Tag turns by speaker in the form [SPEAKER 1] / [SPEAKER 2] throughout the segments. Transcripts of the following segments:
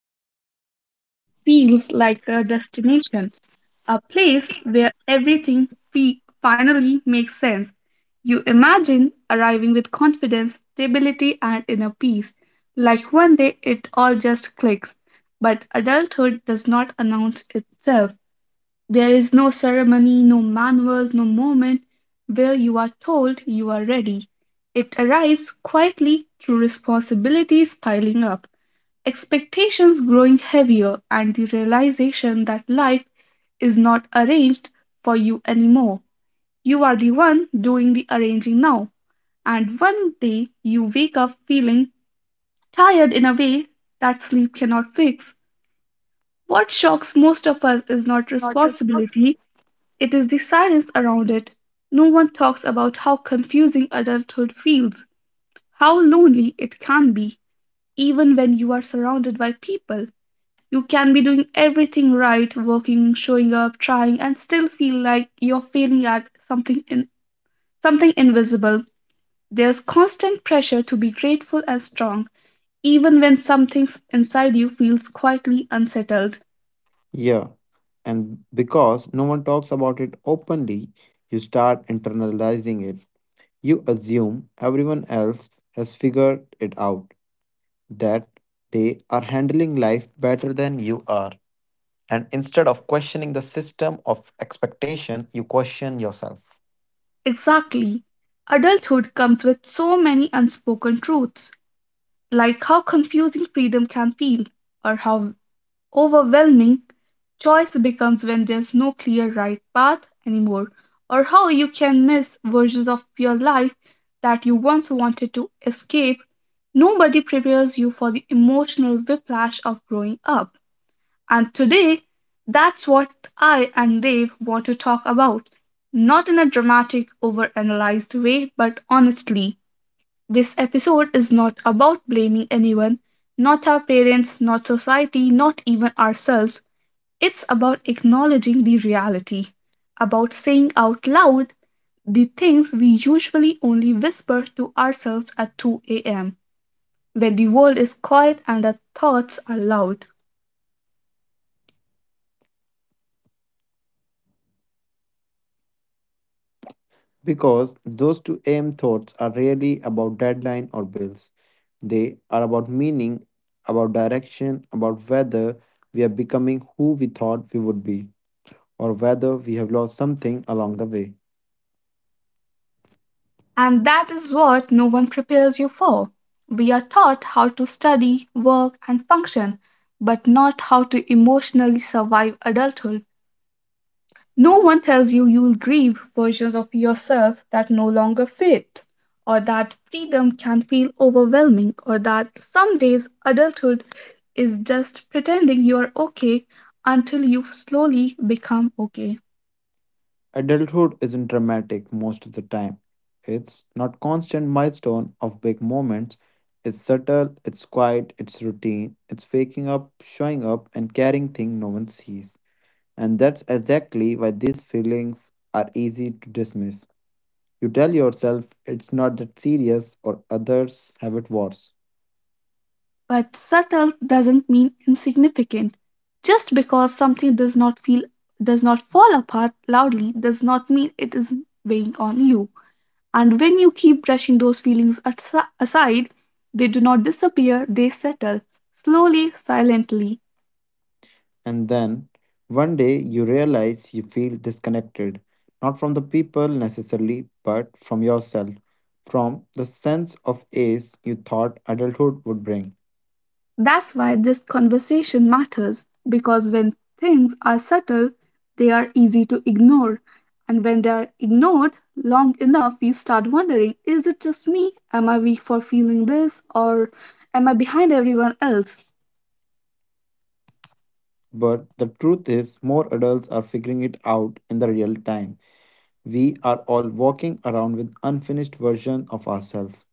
[SPEAKER 1] adulthood feels like a destination, a place where everything finally makes sense. You imagine arriving with confidence, stability, and inner peace, like one day it all just clicks. But adulthood does not announce itself. There is no ceremony, no manual, no moment where you are told you are ready. It arrives quietly through responsibilities piling up, expectations growing heavier, and the realization that life is not arranged for you anymore. You are the one doing the arranging now. And one day you wake up feeling tired in a way that sleep cannot fix. What shocks most of us is not
[SPEAKER 2] Not responsible.
[SPEAKER 1] responsibility, it is the silence around it. No one talks about how confusing adulthood feels, how lonely it can be. Even when you are surrounded by people, you can be doing everything right, working, showing up, trying, and still feel like you're failing at something, in something invisible. There's constant pressure to be grateful and strong, even when something inside you feels quietly unsettled.
[SPEAKER 2] Yeah. And because no one talks about it openly, you start internalizing it. You assume everyone else has figured it out, that they are handling life better than you are. And instead of questioning the system of expectation, you question yourself.
[SPEAKER 1] Exactly. Adulthood comes with so many unspoken truths, like how confusing freedom can feel, or how overwhelming choice becomes when there's no clear right path anymore, or how you can miss versions of your life that you once wanted to escape. Nobody prepares you for the emotional whiplash of growing up. And today, that's what I and Dave want to talk about. Not in a dramatic, overanalyzed way, but honestly. This episode is not about blaming anyone, not our parents, not society, not even ourselves. It's about acknowledging the reality, about saying out loud the things we usually only whisper to ourselves at 2 a.m., when the world is quiet and our thoughts are loud.
[SPEAKER 2] Because those 2 aim thoughts are rarely about deadline or bills. They are about meaning, about direction, about whether we are becoming who we thought we would be, or whether we have lost something along the way.
[SPEAKER 1] And that is what no one prepares you for. We are taught how to study, work, and function, but not how to emotionally survive adulthood. No one tells you you'll grieve versions of yourself that no longer fit, or that freedom can feel overwhelming, or that some days adulthood is just pretending you're okay until you slowly become okay.
[SPEAKER 2] Adulthood isn't dramatic most of the time. It's not constant milestone of big moments. It's subtle, it's quiet, it's routine, it's waking up, showing up, and carrying things no one sees. And that's exactly why these feelings are easy to dismiss. You tell yourself it's not that serious or others have it worse.
[SPEAKER 1] But subtle doesn't mean insignificant. Just because something does not feel, does not fall apart loudly, does not mean it is weighing on you. And when you keep brushing those feelings aside, they do not disappear, they settle slowly, silently.
[SPEAKER 2] And then one day you realize you feel disconnected, not from the people necessarily, but from yourself, from the sense of ace you thought adulthood would bring.
[SPEAKER 1] That's why this conversation matters, because when things are subtle, they are easy to ignore. And when they are ignored long enough, you start wondering, is it just me? Am I weak for feeling this? Or am I behind everyone else?
[SPEAKER 2] But the truth is, more adults are figuring it out in the real time. We are all walking around with unfinished version of ourselves,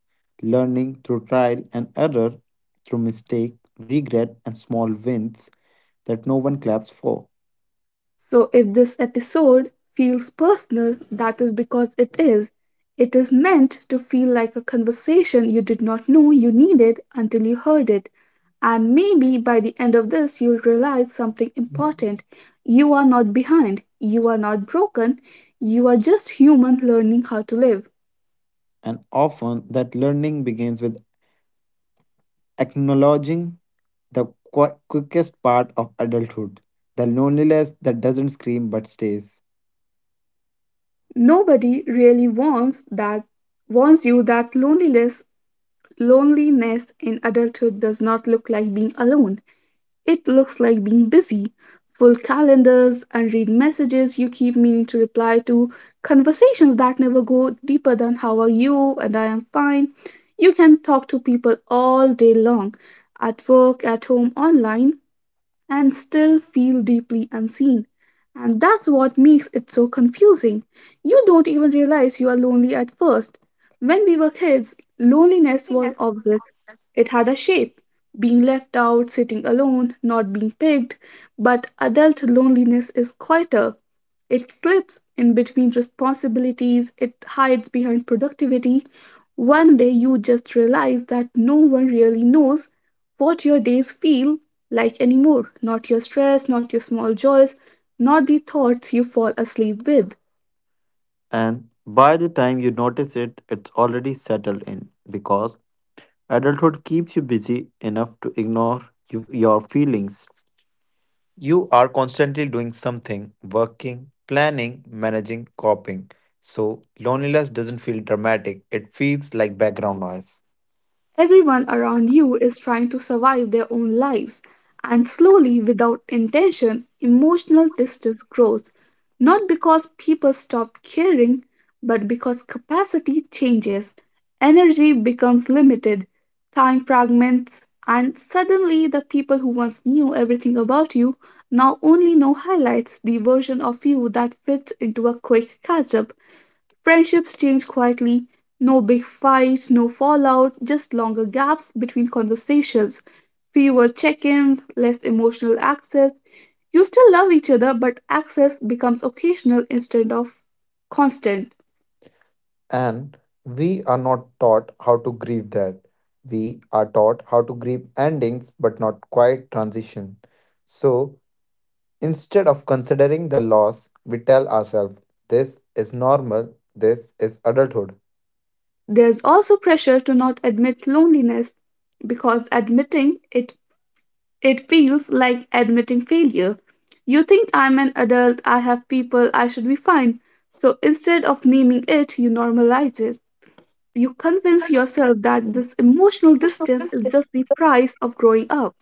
[SPEAKER 2] learning through trial and error, through mistake, regret and small wins that no one claps for.
[SPEAKER 1] So, if this episode feels personal, that is because it is. It is meant to feel like a conversation you did not know you needed until you heard it. And maybe by the end of this, you'll realize something important. You are not behind, you are not broken, you are just human learning how to live.
[SPEAKER 2] And often that learning begins with acknowledging the quickest part of adulthood, the loneliness that doesn't scream but stays.
[SPEAKER 1] Nobody really wants that, warns you that loneliness, loneliness in adulthood does not look like being alone. It looks like being busy, full calendars, unread messages you keep meaning to reply to, conversations that never go deeper than how are you and I am fine. You can talk to people all day long, at work, at home, online, and still feel deeply unseen. And that's what makes it so confusing. You don't even realize you are lonely at first. When we were kids, loneliness was obvious. It had a shape, being left out, sitting alone, not being picked. But adult loneliness is quieter. It slips in between responsibilities, it hides behind productivity. One day you just realize that no one really knows what your days feel like anymore. Not your stress, not your small joys, not the thoughts you fall asleep with.
[SPEAKER 2] And by the time you notice it, it's already settled in because adulthood keeps you busy enough to ignore you, your feelings. You are constantly doing something, working, planning, managing, coping. So loneliness doesn't feel dramatic, it feels like background noise.
[SPEAKER 1] Everyone around you is trying to survive their own lives, and slowly, without intention, emotional distance grows, not because people stop caring, but because capacity changes. Energy becomes limited, time fragments, and suddenly the people who once knew everything about you now only know highlights, the version of you that fits into a quick catch up. Friendships change quietly. No big fights, no fallout, just longer gaps between conversations, fewer check ins, less emotional access. You still love each other, but access becomes occasional instead of constant.
[SPEAKER 2] And we are not taught how to grieve that. We are taught how to grieve endings but not quite transition. So instead of considering the loss, we tell ourselves this is normal, this is adulthood.
[SPEAKER 1] There's also pressure to not admit loneliness, because admitting it feels like admitting failure. You think I'm an adult, I have people, I should be fine. So instead of naming it, you normalize it. You convince yourself that this emotional distance is just the price of growing up.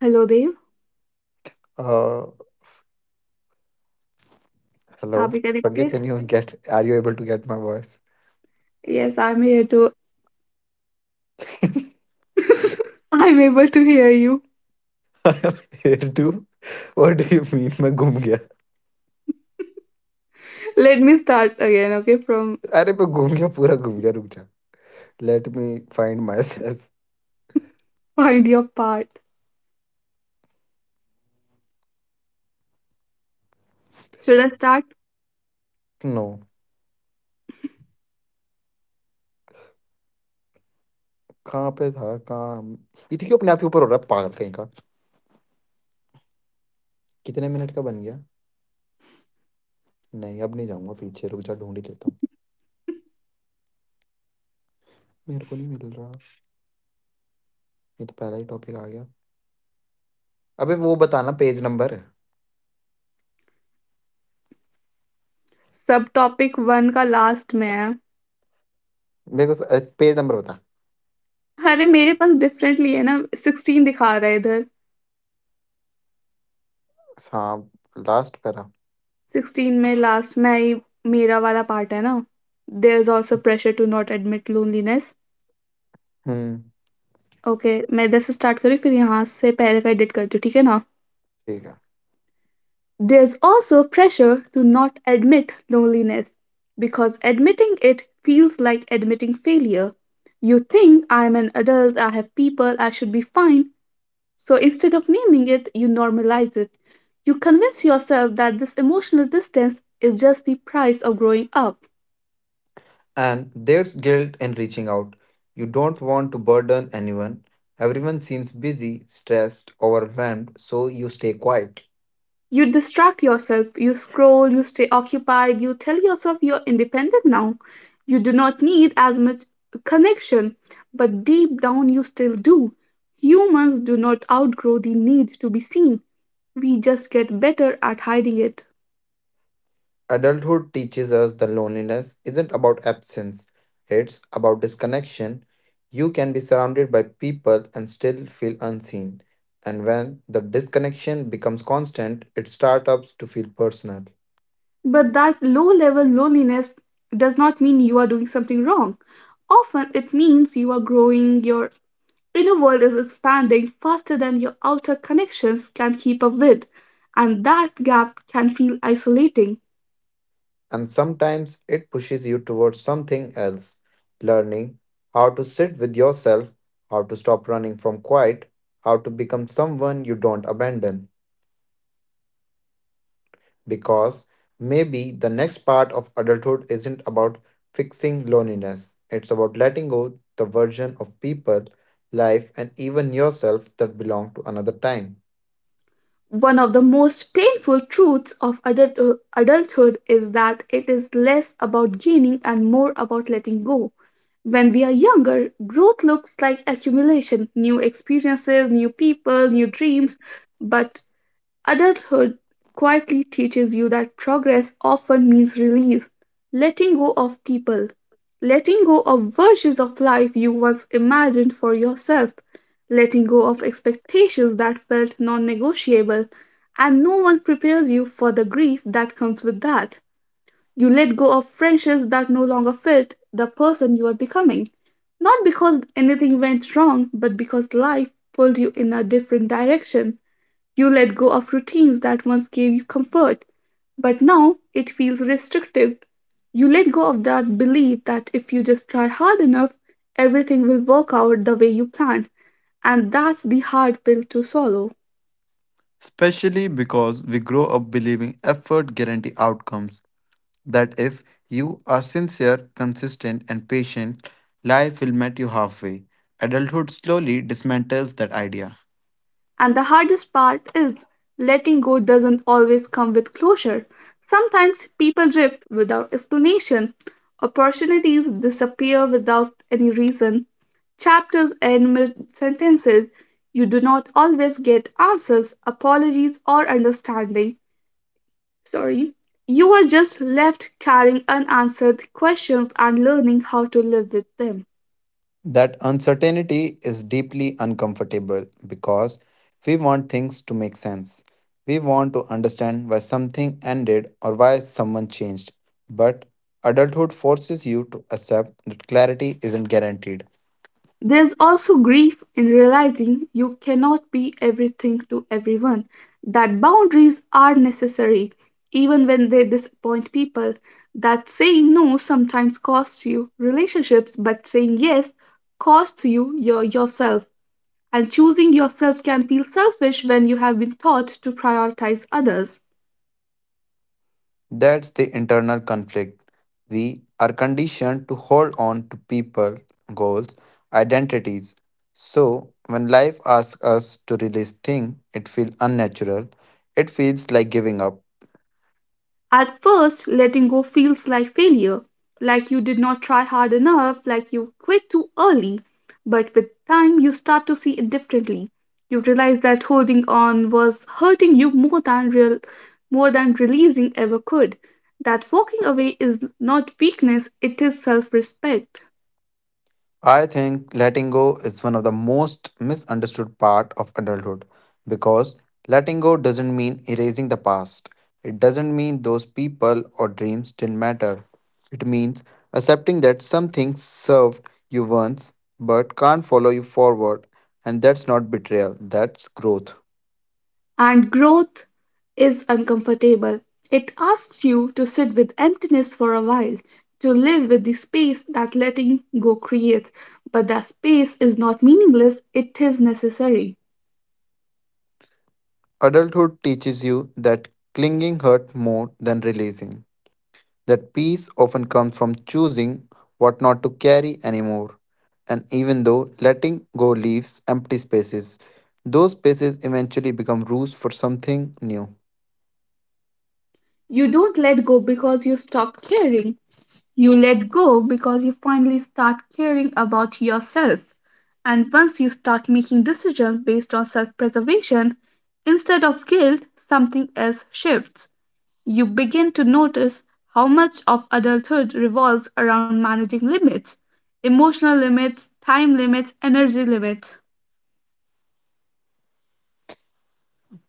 [SPEAKER 1] Hello, Dave.
[SPEAKER 2] Uh, Hello.
[SPEAKER 1] Are we
[SPEAKER 2] Pragya,
[SPEAKER 1] connected?
[SPEAKER 2] are you able to get my voice?
[SPEAKER 1] Yes, I'm here too. I'm able to hear you.
[SPEAKER 2] I am here to what do you mean मैं घूम गया.
[SPEAKER 1] Let me start again, okay? From
[SPEAKER 2] अरे मैं घूम गया पूरा घूम गया रुक जा. Let me find myself.
[SPEAKER 1] find your part. Should I start?
[SPEAKER 2] No. कहाँ पे था कहाँ हम- ये देखिए अपने आप ही ऊपर हो रहा है पागल कहीं का. कितने मिनट का बन गया? नहीं अब नहीं जाऊंगा पीछे रुक जा ढूंढ ही लेता हूँ. मेरे को नहीं मिल रहा ये. तो पहला ही टॉपिक आ गया. अबे वो बताना पेज नंबर.
[SPEAKER 1] सबटॉपिक वन का लास्ट में है.
[SPEAKER 2] मेरे को पेज नंबर बता.
[SPEAKER 1] अरे मेरे पास डिफरेंटली है ना सिक्सटीन दिखा रहा है इधर.
[SPEAKER 2] हाँ, लास्ट पैरा.
[SPEAKER 1] सिक्सटीन में लास्ट में ही मेरा वाला पार्ट है ना. There is also pressure to not admit loneliness.
[SPEAKER 2] Hmm.
[SPEAKER 1] Okay मैं 10 से स्टार्ट करी फिर यहाँ से पहले का एडिट करती हूँ ठीक है ना.
[SPEAKER 2] ठीक है.
[SPEAKER 1] There's also pressure to not admit loneliness because admitting it feels like admitting failure. You think I'm an adult, I have people, I should be fine. So instead of naming it, you normalize it. You convince yourself that this emotional distance is just the price of growing up.
[SPEAKER 2] And there's guilt in reaching out. You don't want to burden anyone. Everyone seems busy, stressed, overwhelmed, so you stay quiet.
[SPEAKER 1] You distract yourself, you scroll, you stay occupied, you tell yourself you're independent now. You do not need as much connection, but deep down you still do. Humans do not outgrow the need to be seen, we just get better at hiding it.
[SPEAKER 2] Adulthood teaches us that loneliness isn't about absence, it's about disconnection. You can be surrounded by people and still feel unseen. And when the disconnection becomes constant, it starts to feel personal.
[SPEAKER 1] But that low level loneliness does not mean you are doing something wrong. Often it means you are growing, you're inner world is expanding faster than your outer connections can keep up with, and that gap can feel isolating.
[SPEAKER 2] And sometimes it pushes you towards something else. Learning how to sit with yourself, how to stop running from quiet, how to become someone you don't abandon. Because maybe the next part of adulthood isn't about fixing loneliness, it's about letting go the version of people, life, and even yourself that belong to another time.
[SPEAKER 1] One of the most painful truths of adulthood is that it is less about gaining and more about letting go. When we are younger, growth looks like accumulation, new experiences, new people, new dreams. But adulthood quietly teaches you that progress often means release, letting go of people, letting go of versions of life you once imagined for yourself, letting go of expectations that felt non negotiable, and no one prepares you for the grief that comes with that. You let go of friendships that no longer fit the person you are becoming, not because anything went wrong, but because life pulled you in a different direction. You let go of routines that once gave you comfort, but now it feels restrictive. You let go of that belief that if you just try hard enough, everything will work out the way you planned, and that's the hard pill to swallow.
[SPEAKER 2] Especially because we grow up believing effort guarantee outcomes. That if you are sincere, consistent, and patient, life will meet you halfway. Adulthood slowly dismantles that idea.
[SPEAKER 1] And the hardest part is, letting go doesn't always come with closure. Sometimes people drift without explanation, opportunities disappear without any reason, chapters end mid sentences. You do not always get answers, apologies, or understanding. Sorry. You are just left carrying unanswered questions and learning how to live with them.
[SPEAKER 2] That uncertainty is deeply uncomfortable because we want things to make sense. We want to understand why something ended or why someone changed. But adulthood forces you to accept that clarity isn't guaranteed.
[SPEAKER 1] There's also grief in realizing you cannot be everything to everyone, that boundaries are necessary, even when they disappoint people, that saying no sometimes costs you relationships, but saying yes costs you yourself. And choosing yourself can feel selfish when you have been taught to prioritize others.
[SPEAKER 2] That's the internal conflict. We are conditioned to hold on to people, goals, identities. So when life asks us to release things, it feels unnatural. It feels like giving up.
[SPEAKER 1] At first, letting go feels like failure, like you did not try hard enough, like you quit too early. But with time, you start to see it differently. You realize that holding on was hurting you more than real, more than releasing ever could. That walking away is not weakness, it is self respect.
[SPEAKER 2] I think letting go is one of the most misunderstood part of adulthood because letting go doesn't mean erasing the past. It doesn't mean those people or dreams didn't matter. It means accepting that something served you once but can't follow you forward, and that's not betrayal, that's growth.
[SPEAKER 1] And growth is uncomfortable. It asks you to sit with emptiness for a while, to live with the space that letting go creates. But that space is not meaningless, it is necessary.
[SPEAKER 2] Adulthood teaches you that clinging hurt more than releasing. That peace often comes from choosing what not to carry anymore. And even though letting go leaves empty spaces, those spaces eventually become roots for something new.
[SPEAKER 1] You don't let go because you stop caring. You let go because you finally start caring about yourself. And once you start making decisions based on self preservation instead of guilt, something else shifts. You begin to notice how much of adulthood revolves around managing limits, emotional limits, time limits, energy limits.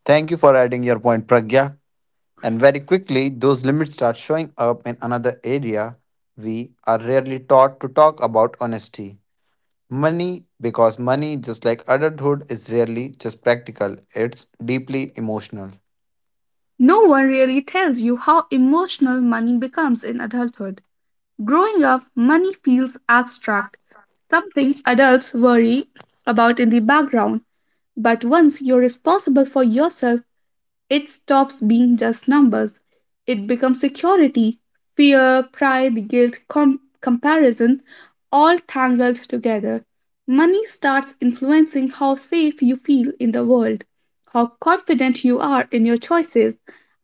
[SPEAKER 2] Thank you for adding your point, Pragya. And very quickly, those limits start showing up in another area we are rarely taught to talk about honesty. Money, because money, just like adulthood, is rarely just practical, it's deeply emotional.
[SPEAKER 1] No one really tells you how emotional money becomes in adulthood. Growing up, money feels abstract, something adults worry about in the background. But once you're responsible for yourself, it stops being just numbers. It becomes security, fear, pride, guilt, comparison, all tangled together. Money starts influencing how safe you feel in the world, how confident you are in your choices,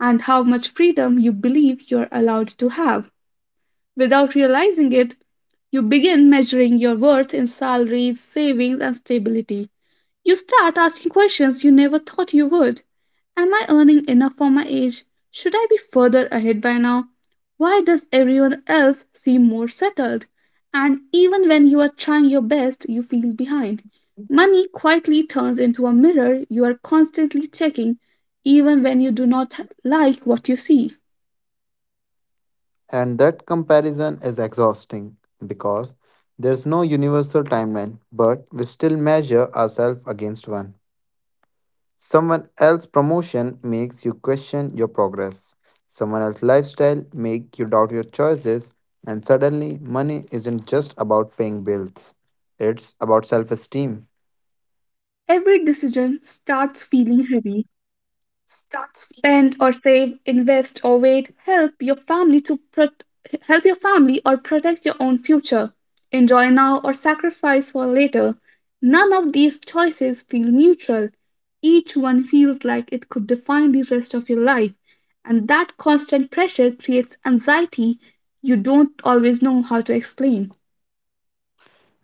[SPEAKER 1] and how much freedom you believe you're allowed to have. Without realizing it, you begin measuring your worth in salaries, savings, and stability. You start asking questions you never thought you would. Am I earning enough for my age? Should I be further ahead by now? Why does everyone else seem more settled? And even when you are trying your best, you feel behind. Money quietly turns into a mirror you are constantly checking, even when you do not like what you see.
[SPEAKER 2] And that comparison is exhausting because there's no universal timeline, but we still measure ourselves against one. Someone else's promotion makes you question your progress. Someone else's lifestyle makes you doubt your choices, and suddenly money isn't just about paying bills. It's about self-esteem,
[SPEAKER 1] Every decision starts feeling heavy: spend or save, invest or wait, help your family or protect your own future, enjoy now or sacrifice for later. None of these choices feel neutral. Each one feels like it could define the rest of your life, and that constant pressure creates anxiety you don't always know how to explain.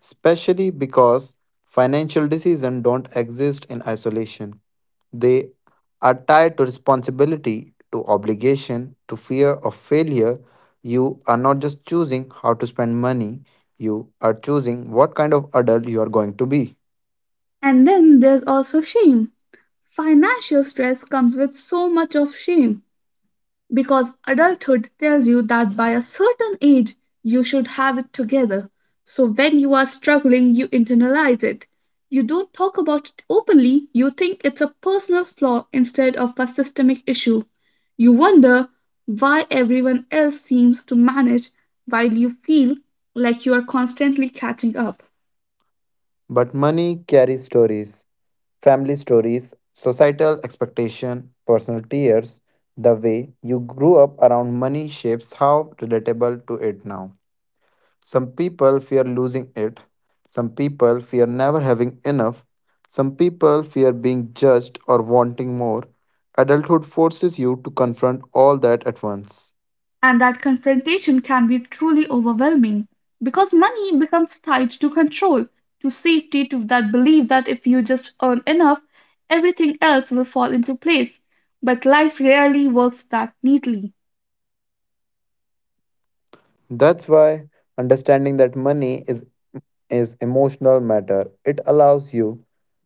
[SPEAKER 2] especially because financial decisions don't exist in isolation. They are tied to responsibility, to obligation, to fear of failure. You are not just choosing how to spend money, you are choosing what kind of adult you are going to be.
[SPEAKER 1] And then there's also shame. Financial stress comes with so much of shame, because adulthood tells you that by a certain age you should have it together. So when you are struggling, you internalize it. You don't talk about it openly, you think it's a personal flaw instead of a systemic issue. You wonder why everyone else seems to manage while you feel like you are constantly catching up.
[SPEAKER 2] But money carries stories, family stories, societal expectation, personal tears. The way you grew up around money shapes how relatable to it now. Some people fear losing it. Some people fear never having enough. Some people fear being judged or wanting more. Adulthood forces you to confront all that at once.
[SPEAKER 1] And that confrontation can be truly overwhelming, because money becomes tied to control, to safety, to that belief that if you just earn enough, everything else will fall into place. But life rarely works that neatly.
[SPEAKER 2] That's why understanding that money is emotional matter. It allows you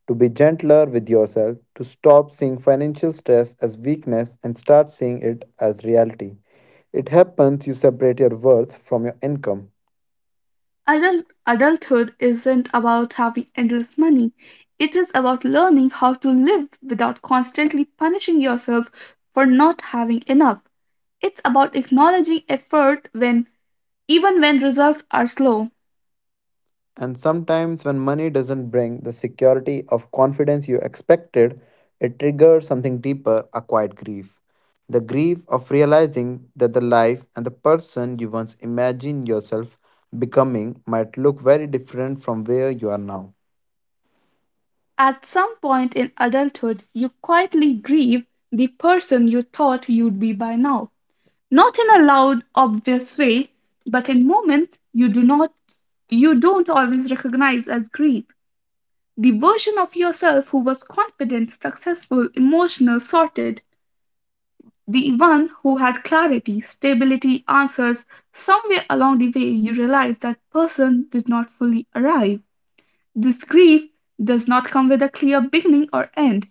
[SPEAKER 2] to be gentler with yourself, to stop seeing financial stress as weakness and start seeing it as reality. It happens you separate your worth from your income.
[SPEAKER 1] Adulthood isn't about having endless money. It is about learning how to live without constantly punishing yourself for not having enough. It's about acknowledging effort when even when results are slow.
[SPEAKER 2] And sometimes, when money doesn't bring the security of confidence you expected, it triggers something deeper, a quiet grief. The grief of realizing that the life and the person you once imagined yourself becoming might look very different from where you are now.
[SPEAKER 1] At some point in adulthood, you quietly grieve the person you thought you'd be by now. Not in a loud, obvious way, but in moments you do not you don't always recognize as grief. The version of yourself who was confident, successful, emotional, sorted, the one who had clarity, stability, answers, somewhere along the way you realize that person did not fully arrive. This grief does not come with a clear beginning or end.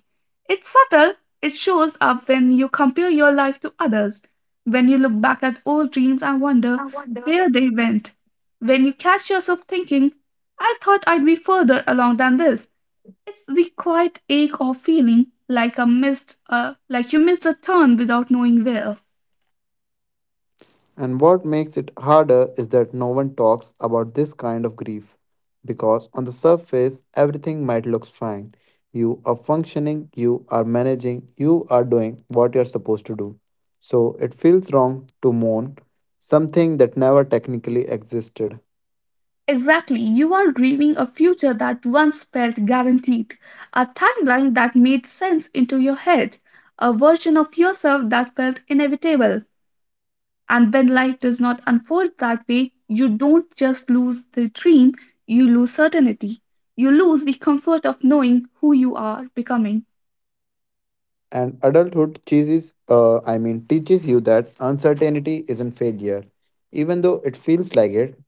[SPEAKER 1] It's subtle, it shows up when you compare your life to others, when you look back at old dreams and wonder where they went, when you catch yourself thinking, I thought I'd be further along than this. It's the quiet ache of feeling like like you missed a turn without knowing where.
[SPEAKER 2] And what makes it harder is that no one talks about this kind of grief. Because on the surface, everything might look fine. You are functioning, you are managing, you are doing what you're supposed to do. So it feels wrong to mourn something that never technically existed.
[SPEAKER 1] Exactly, you are grieving a future that once felt guaranteed, a timeline that made sense into your head, a version of yourself that felt inevitable. And when life does not unfold that way, you don't just lose the dream, you lose certainty. You lose the comfort of knowing who you are becoming.
[SPEAKER 2] And adulthood teaches, I mean, teaches you that uncertainty isn't failure, even though it feels like it.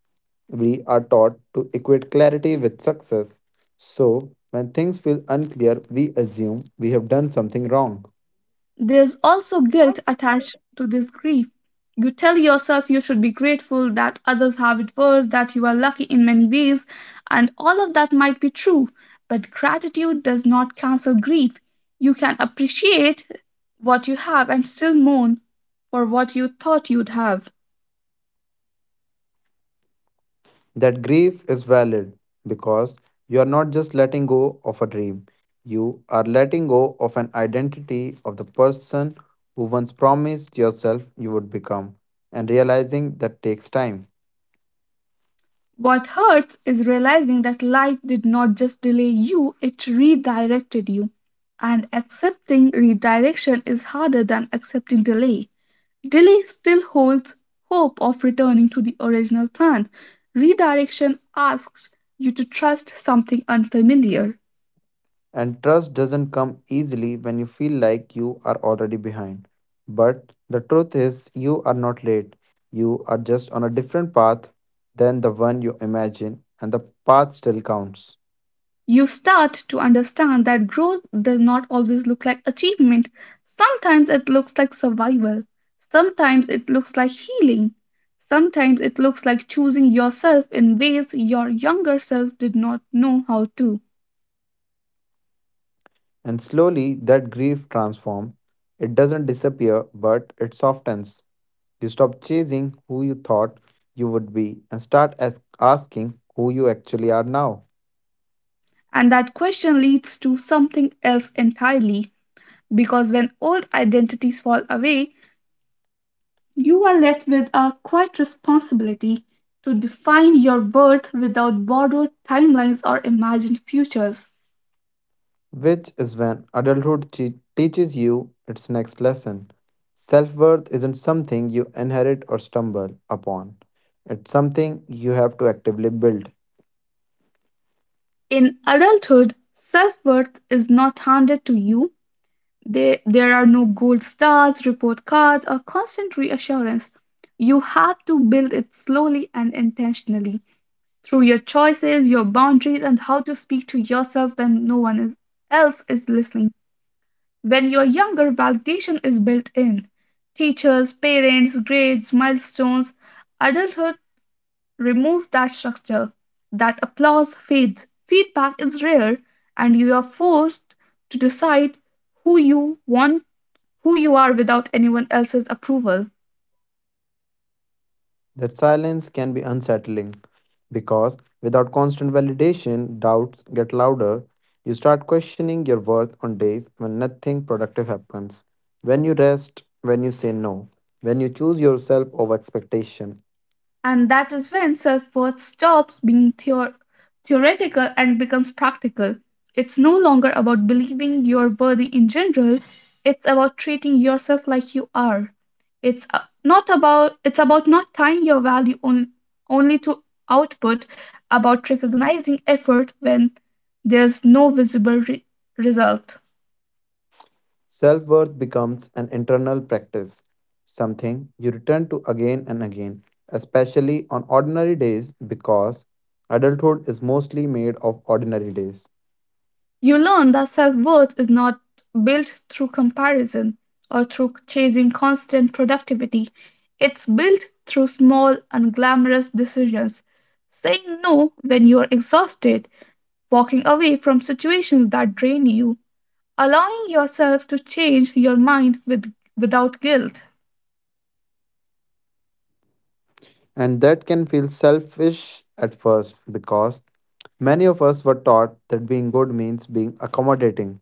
[SPEAKER 2] We are taught to equate clarity with success. So, when things feel unclear, we assume we have done something wrong.
[SPEAKER 1] There's also guilt attached to this grief. You tell yourself you should be grateful that others have it worse, that you are lucky in many ways, and all of that might be true, but gratitude does not cancel grief. You can appreciate what you have and still mourn for what you thought you'd have.
[SPEAKER 2] That grief is valid because you are not just letting go of a dream, you are letting go of an identity of the person who once promised yourself you would become, and realizing that takes time.
[SPEAKER 1] What hurts is realizing that life did not just delay you, it redirected you. And accepting redirection is harder than accepting delay. Delhi still holds hope of returning to the original plan. Redirection asks you to trust something unfamiliar.
[SPEAKER 2] And trust doesn't come easily when you feel like you are already behind. But the truth is, you are not late. You are just on a different path than the one you imagine, and the path still counts.
[SPEAKER 1] You start to understand that growth does not always look like achievement. Sometimes it looks like survival. Sometimes it looks like healing. Sometimes it looks like choosing yourself in ways your younger self did not know how to.
[SPEAKER 2] And slowly, that grief transforms. It doesn't disappear, but it softens. You stop chasing who you thought you would be and start asking who you actually are now.
[SPEAKER 1] And that question leads to something else entirely, because when old identities fall away, you are left with a quiet responsibility to define your worth without borrowed timelines or imagined futures.
[SPEAKER 2] Which is when adulthood teaches you its next lesson. Self worth isn't something you inherit or stumble upon, it's something you have to actively build.
[SPEAKER 1] In adulthood, self worth is not handed to you. There are no gold stars, report cards, or constant reassurance. You have to build it slowly and intentionally through your choices, your boundaries, and how to speak to yourself when no one is- else is listening. When you're younger, validation is built in. Teachers, parents, grades, milestones. Adulthood removes that structure. That applause fades. Feedback is rare, and you are forced to decide who you want, who you are without anyone else's approval.
[SPEAKER 2] That silence can be unsettling because without constant validation, doubts get louder. You start questioning your worth on days when nothing productive happens. When you rest, when you say no, when you choose yourself over expectation,
[SPEAKER 1] And that is when self worth stops being theoretical and becomes practical. It's no longer about believing you're worthy in general, it's about treating yourself like you are. It's uh, it's about not tying your value on, only to output, about recognizing effort when there's no visible result.
[SPEAKER 2] self worth becomes an internal practice, something you return to again and again, especially on ordinary days because adulthood is mostly made of ordinary days.
[SPEAKER 1] You learn that self worth is not built through comparison or through chasing constant productivity. It's built through small, unglamorous decisions. Saying no when you are exhausted, walking away from situations that drain you, allowing yourself to change your mind without guilt.
[SPEAKER 2] And that can feel selfish at first because many of us were taught that being good means being accommodating,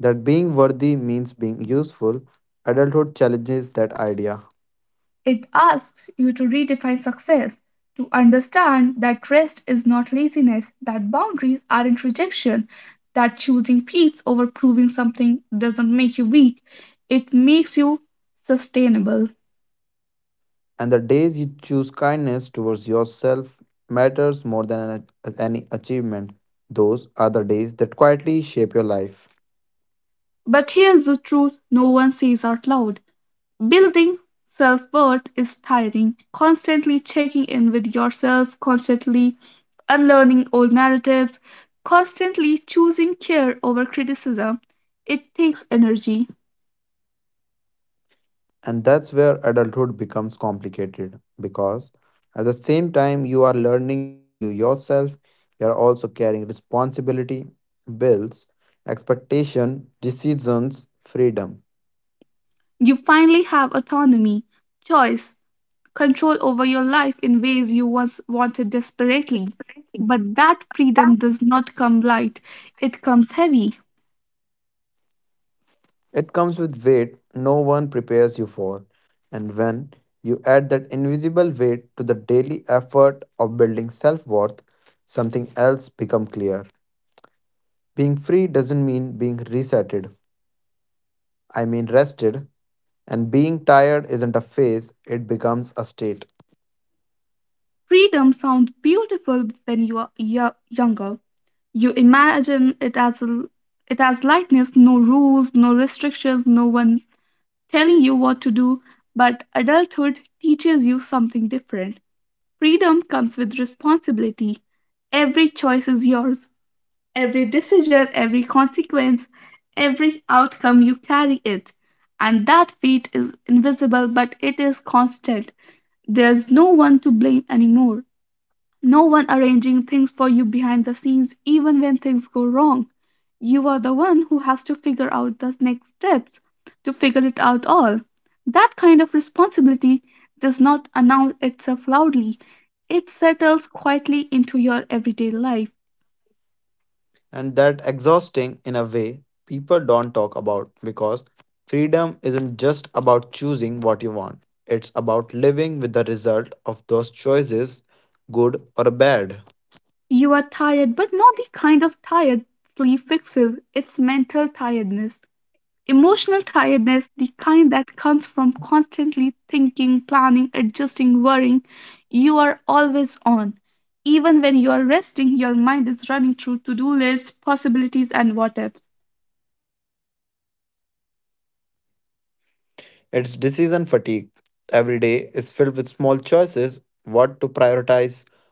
[SPEAKER 2] that being worthy means being useful. Adulthood challenges that idea.
[SPEAKER 1] It asks you to redefine success, to understand that rest is not laziness, that boundaries aren't rejection, that choosing peace over proving something doesn't make you weak, it makes you sustainable.
[SPEAKER 2] And the days you choose kindness towards yourself matters more than any achievement. Those are the days that quietly shape your life.
[SPEAKER 1] But here's the truth no one says out loud: building self worth is tiring, constantly checking in with yourself, constantly unlearning old narratives, constantly choosing care over criticism. It takes energy.
[SPEAKER 2] And that's where adulthood becomes complicated because at the same time you are learning to value yourself, you are also carrying responsibility, bills, expectation, decisions, freedom.
[SPEAKER 1] You finally have autonomy, choice, control over your life in ways you once wanted desperately. But that freedom does not come light, it comes heavy.
[SPEAKER 2] It comes with weight no one prepares you for. And when you add that invisible weight to the daily effort of building self worth, something else becomes clear. Being free doesn't mean being resetted, I mean rested. And being tired isn't a phase, it becomes a state.
[SPEAKER 1] Freedom sounds beautiful when you are younger. You imagine it as lightness, no rules, no restrictions, no one telling you what to do. But adulthood teaches you something different. Freedom comes with responsibility. Every choice is yours. Every decision, every consequence, every outcome, you carry it. And that weight is invisible, but it is constant. There's no one to blame anymore. No one arranging things for you behind the scenes, even when things go wrong. You are the one who has to figure out the next steps, to figure it out all. That kind of responsibility does not announce itself loudly, it settles quietly into your everyday life.
[SPEAKER 2] And that exhausting in a way people don't talk about because freedom isn't just about choosing what you want, it's about living with the result of those choices, good or bad.
[SPEAKER 1] You are tired, but not the kind of tired sleep fixes. It's mental tiredness, emotional tiredness, the kind that comes from constantly thinking, planning, adjusting, worrying. You are always on. Even when you are resting, your mind is running through to do lists, possibilities, and what ifs.
[SPEAKER 2] It's decision fatigue. Every day is filled with small choices, what to prioritize,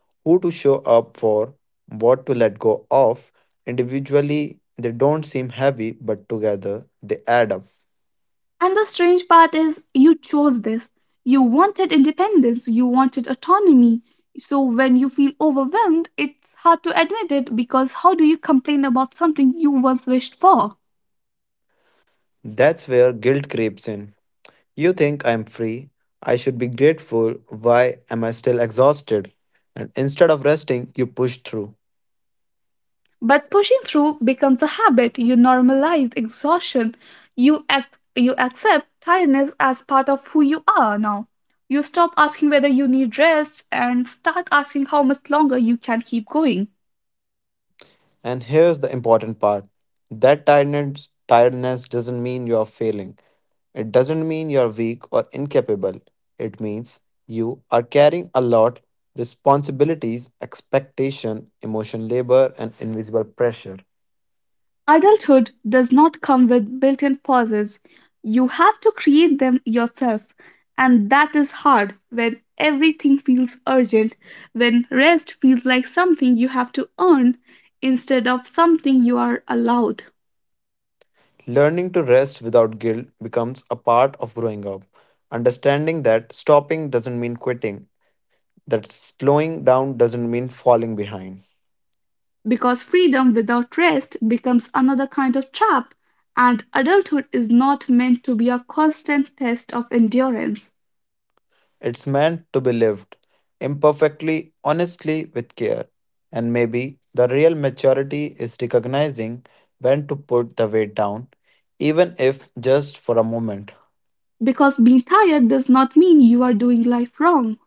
[SPEAKER 2] who to show up for, what to let go of. Individually they don't seem heavy, but together they add up.
[SPEAKER 1] And the strange part is, you chose this. You wanted independence, you wanted autonomy. So when you feel overwhelmed, it's hard to admit it, because how do you complain about something you once wished for?
[SPEAKER 2] That's where guilt creeps in. You think I'm free? I should be grateful. Why am I still exhausted? And instead of resting, you push through.
[SPEAKER 1] But pushing through becomes a habit. You normalize exhaustion. You accept tiredness as part of who you are now. You stop asking whether you need rest and start asking how much longer you can keep going.
[SPEAKER 2] And here's the important part, that tiredness doesn't mean you are failing, it doesn't mean you are weak or incapable. It means you are carrying a lot, responsibilities, expectation, emotion labor, and invisible pressure.
[SPEAKER 1] Adulthood does not come with built in pauses. You have to create them yourself. And that is hard when everything feels urgent, when rest feels like something you have to earn instead of something you are allowed.
[SPEAKER 2] Learning to rest without guilt becomes a part of growing up. Understanding that stopping doesn't mean quitting, that slowing down doesn't mean falling behind.
[SPEAKER 1] Because freedom without rest becomes another kind of trap, and adulthood is not meant to be a constant test of endurance.
[SPEAKER 2] It's meant to be lived imperfectly, honestly, with care. And maybe the real maturity is recognizing when to put the weight down, even if just for a moment.
[SPEAKER 1] Because being tired does not mean you are doing life wrong.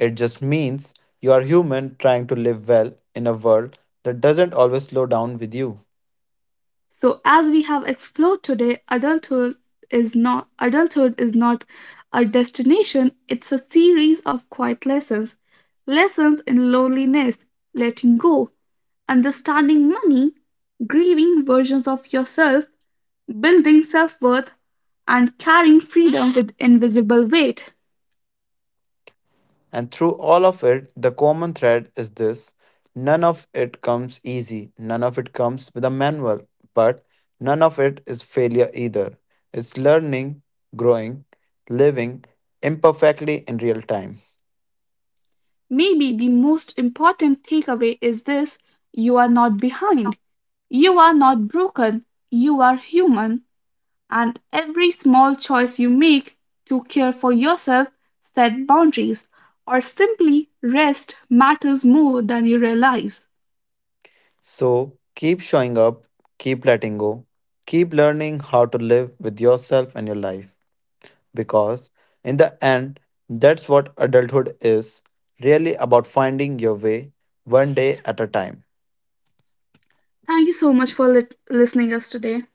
[SPEAKER 2] It just means you are human trying to live well in a world that doesn't always slow down with you.
[SPEAKER 1] So as we have explored today, adulthood is not a destination, it's a series of quiet lessons. Lessons in loneliness, letting go, understanding money, grieving versions of yourself, building self-worth and carrying freedom with invisible weight.
[SPEAKER 2] And through all of it, the common thread is this, none of it comes easy, none of it comes with a manual, but none of it is failure either. It's learning, growing, living imperfectly in real time.
[SPEAKER 1] Maybe the most important takeaway is this: you are not behind. You are not broken. You are human. And every small choice you make to care for yourself, set boundaries, or simply rest matters more than you realize.
[SPEAKER 2] So keep showing up, keep letting go, keep learning how to live with yourself and your life. Because in the end, that's what adulthood is really about, finding your way one day at a time.
[SPEAKER 1] Thank you so much for listening us today.